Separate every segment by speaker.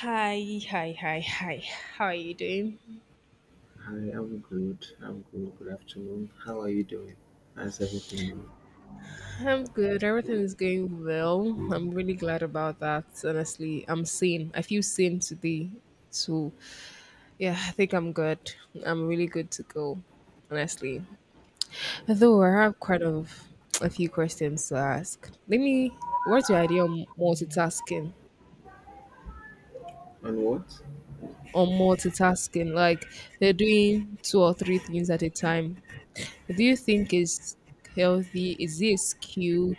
Speaker 1: Hi, hi, hi, hi. How are you doing?
Speaker 2: Hi, I'm good. I'm good. Good afternoon. How are you doing? How's everything going?
Speaker 1: I'm good. Everything is going well. I'm really glad about that. Honestly, I'm sane. I feel sane today. So, yeah, I think I'm good. I'm really good to go, honestly. Though I have quite of a few questions to ask. Let me, what's your idea on multitasking?
Speaker 2: And what?
Speaker 1: On multitasking, like they're doing two or three things at a time. Do you think it's healthy? Is it a skill?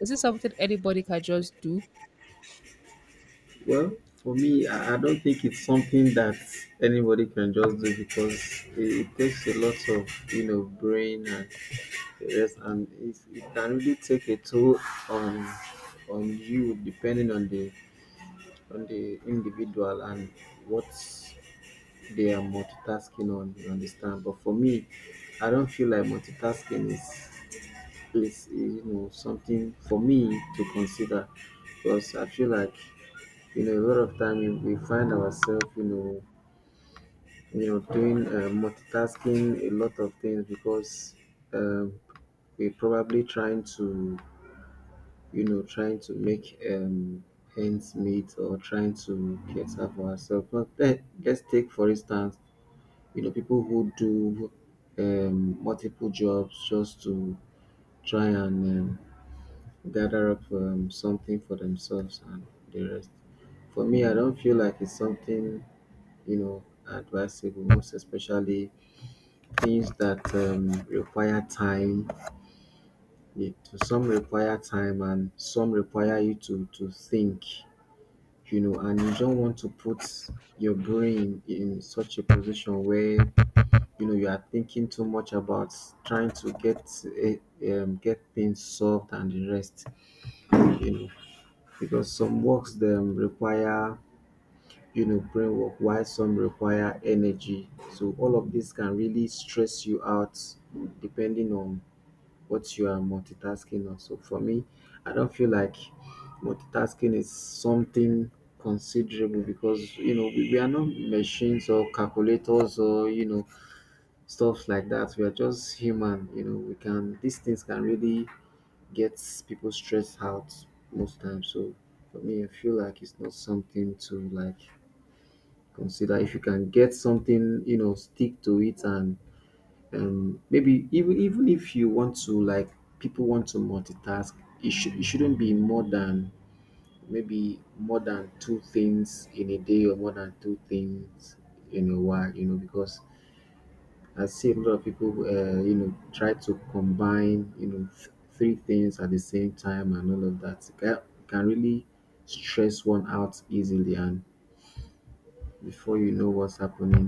Speaker 1: Is it something anybody can just do?
Speaker 2: Well, for me, I don't think it's something that anybody can just do because it takes a lot of brain and the rest, and it can really take a toll on on you depending on the individual and what they are multitasking on. You understand? But for me, I don't feel like multitasking is something for me to consider because I feel like a lot of time we find ourselves doing multitasking a lot of things because um, we're probably trying to trying to make ends meet or trying to cater for ourselves. But let's take for instance people who do multiple jobs just to try and gather up something for themselves and the rest. For me, I don't feel like it's something advisable, most especially things that require time. It- Some require time, and some require you to think, you know, and you don't want to put your brain in such a position where you are thinking too much about trying to get eh, get things solved and the rest you know because some works them require brain work while some require energy, so all of this can really stress you out depending on what you are multitasking on. So for me, I don't feel like multitasking is something considerable because you know we are not machines or calculators or you know stuff like that. We are just human, you know. We can these things can really get people stressed out most times. So for me, I feel like it's not something to like consider. If you can get something, you know, stick to it, and maybe even if you want to like people want to multitask, it shouldn't be more than maybe more than two things in a day or more than two things in a while, you know, because I see a lot of people, you know, try to combine, you know, three things at the same time and all of that. It can really stress one out easily, and before you know what's happening,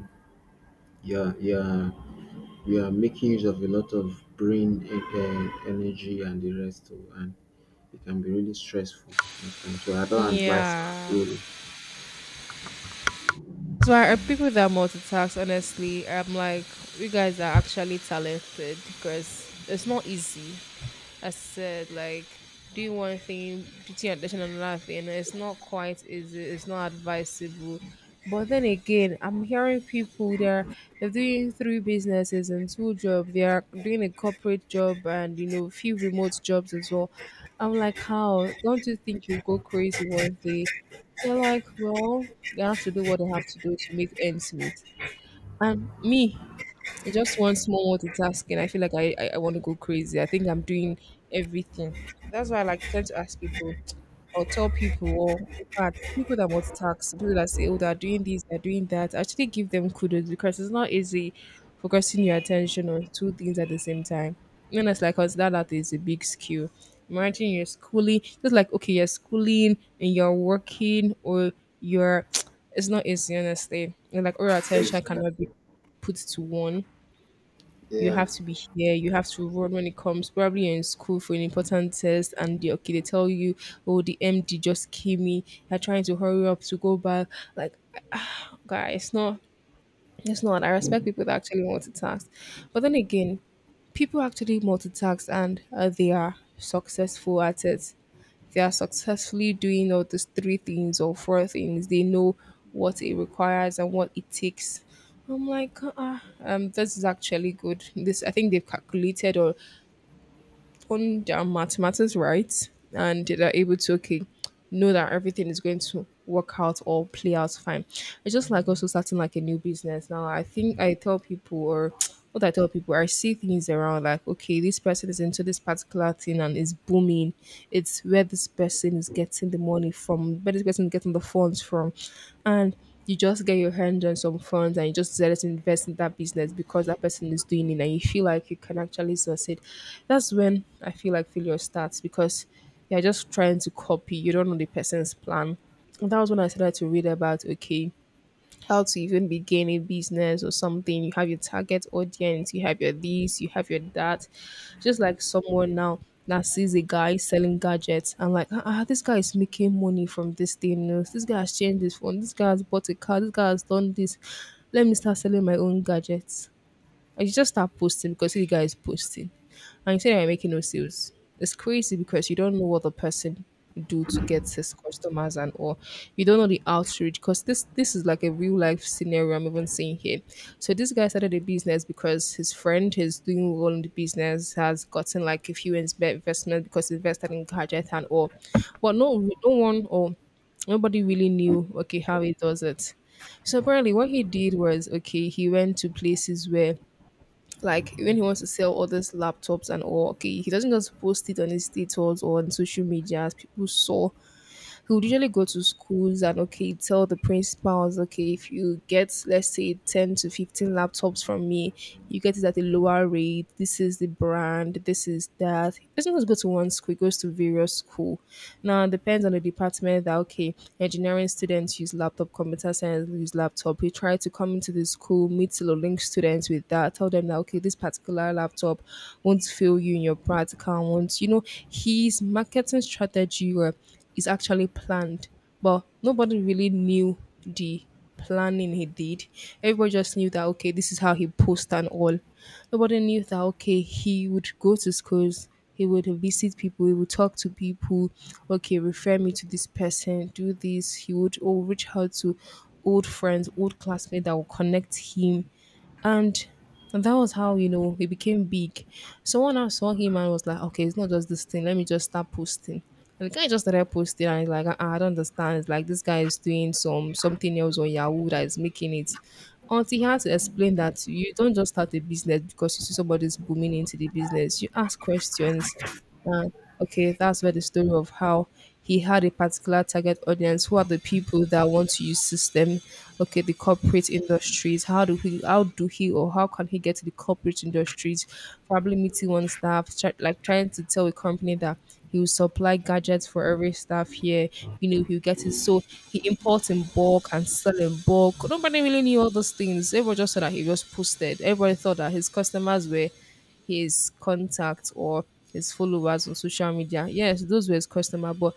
Speaker 2: you're you're you're making use of a lot of brain energy and the rest, too, and it can be really stressful most times. So I don't advise it
Speaker 1: Yeah.
Speaker 2: really.
Speaker 1: That's why people that multitask, honestly, I'm like, you guys are actually talented because it's not easy. I said, like, do one thing, teaching attention on another thing. It's not quite easy, it's not advisable. But then again, I'm hearing people they're doing three businesses and two jobs. They are doing a corporate job and you know few remote jobs as well. I'm like, how don't you think you go crazy one day? They're like, well, they have to do what they have to do to make ends meet. And me, just one small multitasking. I feel like I want to go crazy. I think I'm doing everything. That's why I like tend to ask people or tell people or in fact, people that multitask, people that say, oh, they're doing this, they're doing that, actually give them kudos because it's not easy focusing your attention on two things at the same time. And it's like consider that is a big skill. Imagine you're schooling, just like okay, you're schooling and you're working or you're it's not easy honestly. And like all your attention
Speaker 2: Exactly.
Speaker 1: cannot be put to one, you
Speaker 2: Yeah.
Speaker 1: have to be here, you have to run when it comes. Probably you're in school for an important test, and they, okay, they tell you, oh, the MD just came in. You're trying to hurry up to go back. Like, guys, no, it's not. I respect people that actually multitask, but then again, people actually multitask and they are successful at it, they are successfully doing all these three things or four things, they know what it requires and what it takes. I'm like, this is actually good. This I think they've calculated or own their mathematics right and they're able to okay know that everything is going to work out or play out fine. It's just like also starting like a new business. Now I think I tell people or what I tell people, I see things around like, okay, this person is into this particular thing and is booming. It's where this person is getting the money from, where this person is getting the funds from. And you just get your hands on some funds and you just decided to invest in that business because that person is doing it and you feel like you can actually succeed. That's when I feel like failure starts because you're just trying to copy. You don't know the person's plan. And that was when I started to read about okay, how to even begin a business or something. You have your target audience, you have your this, you have your that. Just like someone now that sees a guy selling gadgets and like, ah, ah, this guy is making money from this thing. You know, this guy has changed his phone. This guy has bought a car. This guy has done this. Let me start selling my own gadgets. And you just start posting because the guy is posting. And you say you're making no sales. It's crazy because you don't know what the person do to get his customers and, or you don't know the outreach because this is like a real life scenario I'm even seeing here. So this guy started a business because his friend is doing well in the business, has gotten like a few investment because he invested in gadget and all. But no one or nobody really knew okay how he does it. So apparently what he did was okay, he went to places where like when he wants to sell others laptops and all, okay, he doesn't just post it on his status or on social media. As people saw, he would usually go to schools and okay tell the principals okay if you get let's say 10 to 15 laptops from me, you get it at a lower rate, this is the brand, this is that. He doesn't just go to one school, he goes to various school. Now it depends on the department that okay, engineering students use laptop, computer science use laptop. We try to come into the school, meet the link students with that, tell them that okay this particular laptop won't fail you in your practical, won't you know. His marketing strategy were is actually planned. But nobody really knew the planning he did. Everybody just knew that okay, this is how he posts and all. Nobody knew that okay, he would go to schools, he would visit people, he would talk to people, okay, refer me to this person, do this, he would or reach out to old friends, old classmates that will connect him, and that was how, you know, it became big. Someone else saw him and was like, okay, it's not just this thing. Let me just start posting. And the guy just started posting and he's like, "Ah, ah, I don't understand. It's like this guy is doing something else on Yahoo that is making it." Until he had to explain that you don't just start a business because you see somebody's booming into the business. You ask questions. Uh, okay, that's where the story of how he had a particular target audience. Who are the people that want to use system? Okay, the corporate industries. How do he? How do he? Or how can he get to the corporate industries? Probably meeting one staff, like trying to tell a company that he will supply gadgets for every staff here. You know, he'll get it. So he imports in bulk and sell in bulk. Nobody really knew all those things. Everyone just said that he just posted. Everybody thought that his customers were his contacts or his followers on social media. Yes, those were his customer, but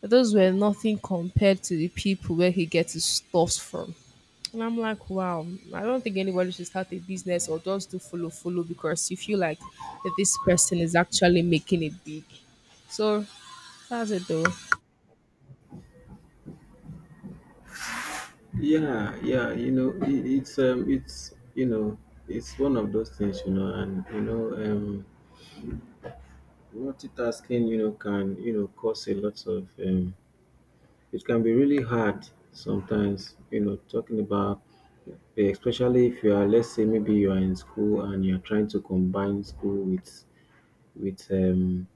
Speaker 1: those were nothing compared to the people where he gets his stuffs from. And I'm like, wow, I don't think anybody should start a business or just do follow follow because you feel like that this person is actually making it big. So that's it though.
Speaker 2: Yeah, yeah, you know, it's it's you know, it's one of those things, you know, and you know, multitasking, you know, can you know cause a lot of it can be really hard sometimes, you know, talking about, especially if you are, let's say, maybe you are in school and you are trying to combine school with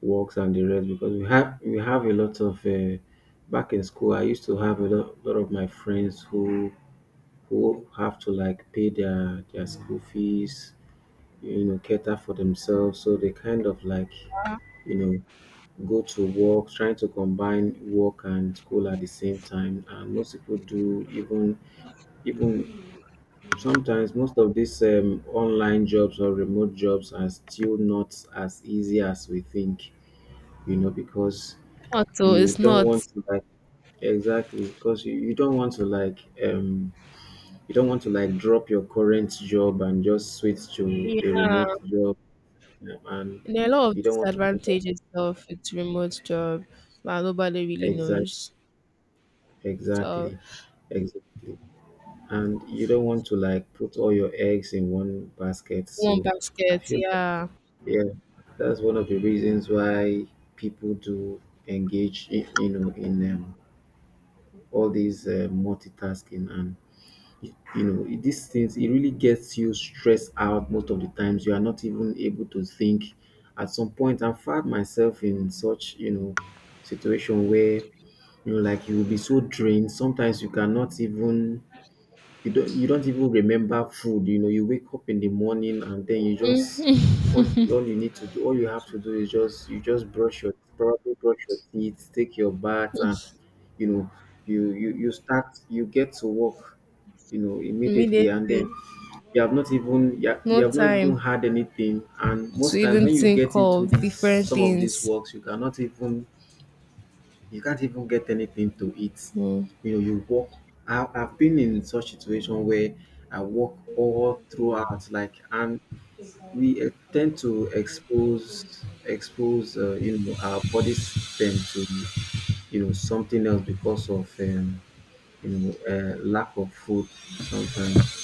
Speaker 2: works and the rest because we have a lot of back in school. I used to have a lot of my friends who have to like pay their school fees, you know, cater for themselves. So they kind of like, you know, go to work, trying to combine work and school at the same time. And most people do even sometimes most of these online jobs or remote jobs are still not as easy as we think, you know, because
Speaker 1: Also,
Speaker 2: you
Speaker 1: it's
Speaker 2: don't
Speaker 1: not.
Speaker 2: want to like exactly because you don't want to like you don't want to like drop your current job and just switch to a remote
Speaker 1: Yeah,
Speaker 2: job, and
Speaker 1: and there are a lot of
Speaker 2: you don't want to put up
Speaker 1: disadvantages of its remote job, but nobody really
Speaker 2: exact
Speaker 1: knows. So
Speaker 2: exactly, exactly, and you don't want to like put all your eggs in one basket.
Speaker 1: one
Speaker 2: So I
Speaker 1: basket,
Speaker 2: feel like,
Speaker 1: yeah.
Speaker 2: yeah, that's one of the reasons why people do engage in, you know, in all these multitasking and you know, these things, it really gets you stressed out most of the times. You are not even able to think. At some point, I found myself in such you know situation where you know, like you will be so drained. Sometimes you cannot even you don't even remember food, you know, you wake up in the morning and then you just all all you need to do, all you have to do is just you just brush your probably brush your teeth, take your bath and you know, you start you get to work, you know, immediately, and then
Speaker 1: Immediately,
Speaker 2: you have not even you
Speaker 1: no
Speaker 2: have not even
Speaker 1: time
Speaker 2: had anything, and
Speaker 1: to
Speaker 2: most times
Speaker 1: even
Speaker 2: when you
Speaker 1: think
Speaker 2: get into
Speaker 1: of
Speaker 2: this
Speaker 1: different
Speaker 2: some of these
Speaker 1: things.
Speaker 2: works you cannot even you can't even get anything to eat.
Speaker 1: Mm.
Speaker 2: You know, you walk. I've been in such situation where I walk all throughout, like, and we tend to expose you know our body system to you know something else because of you know lack of food sometimes.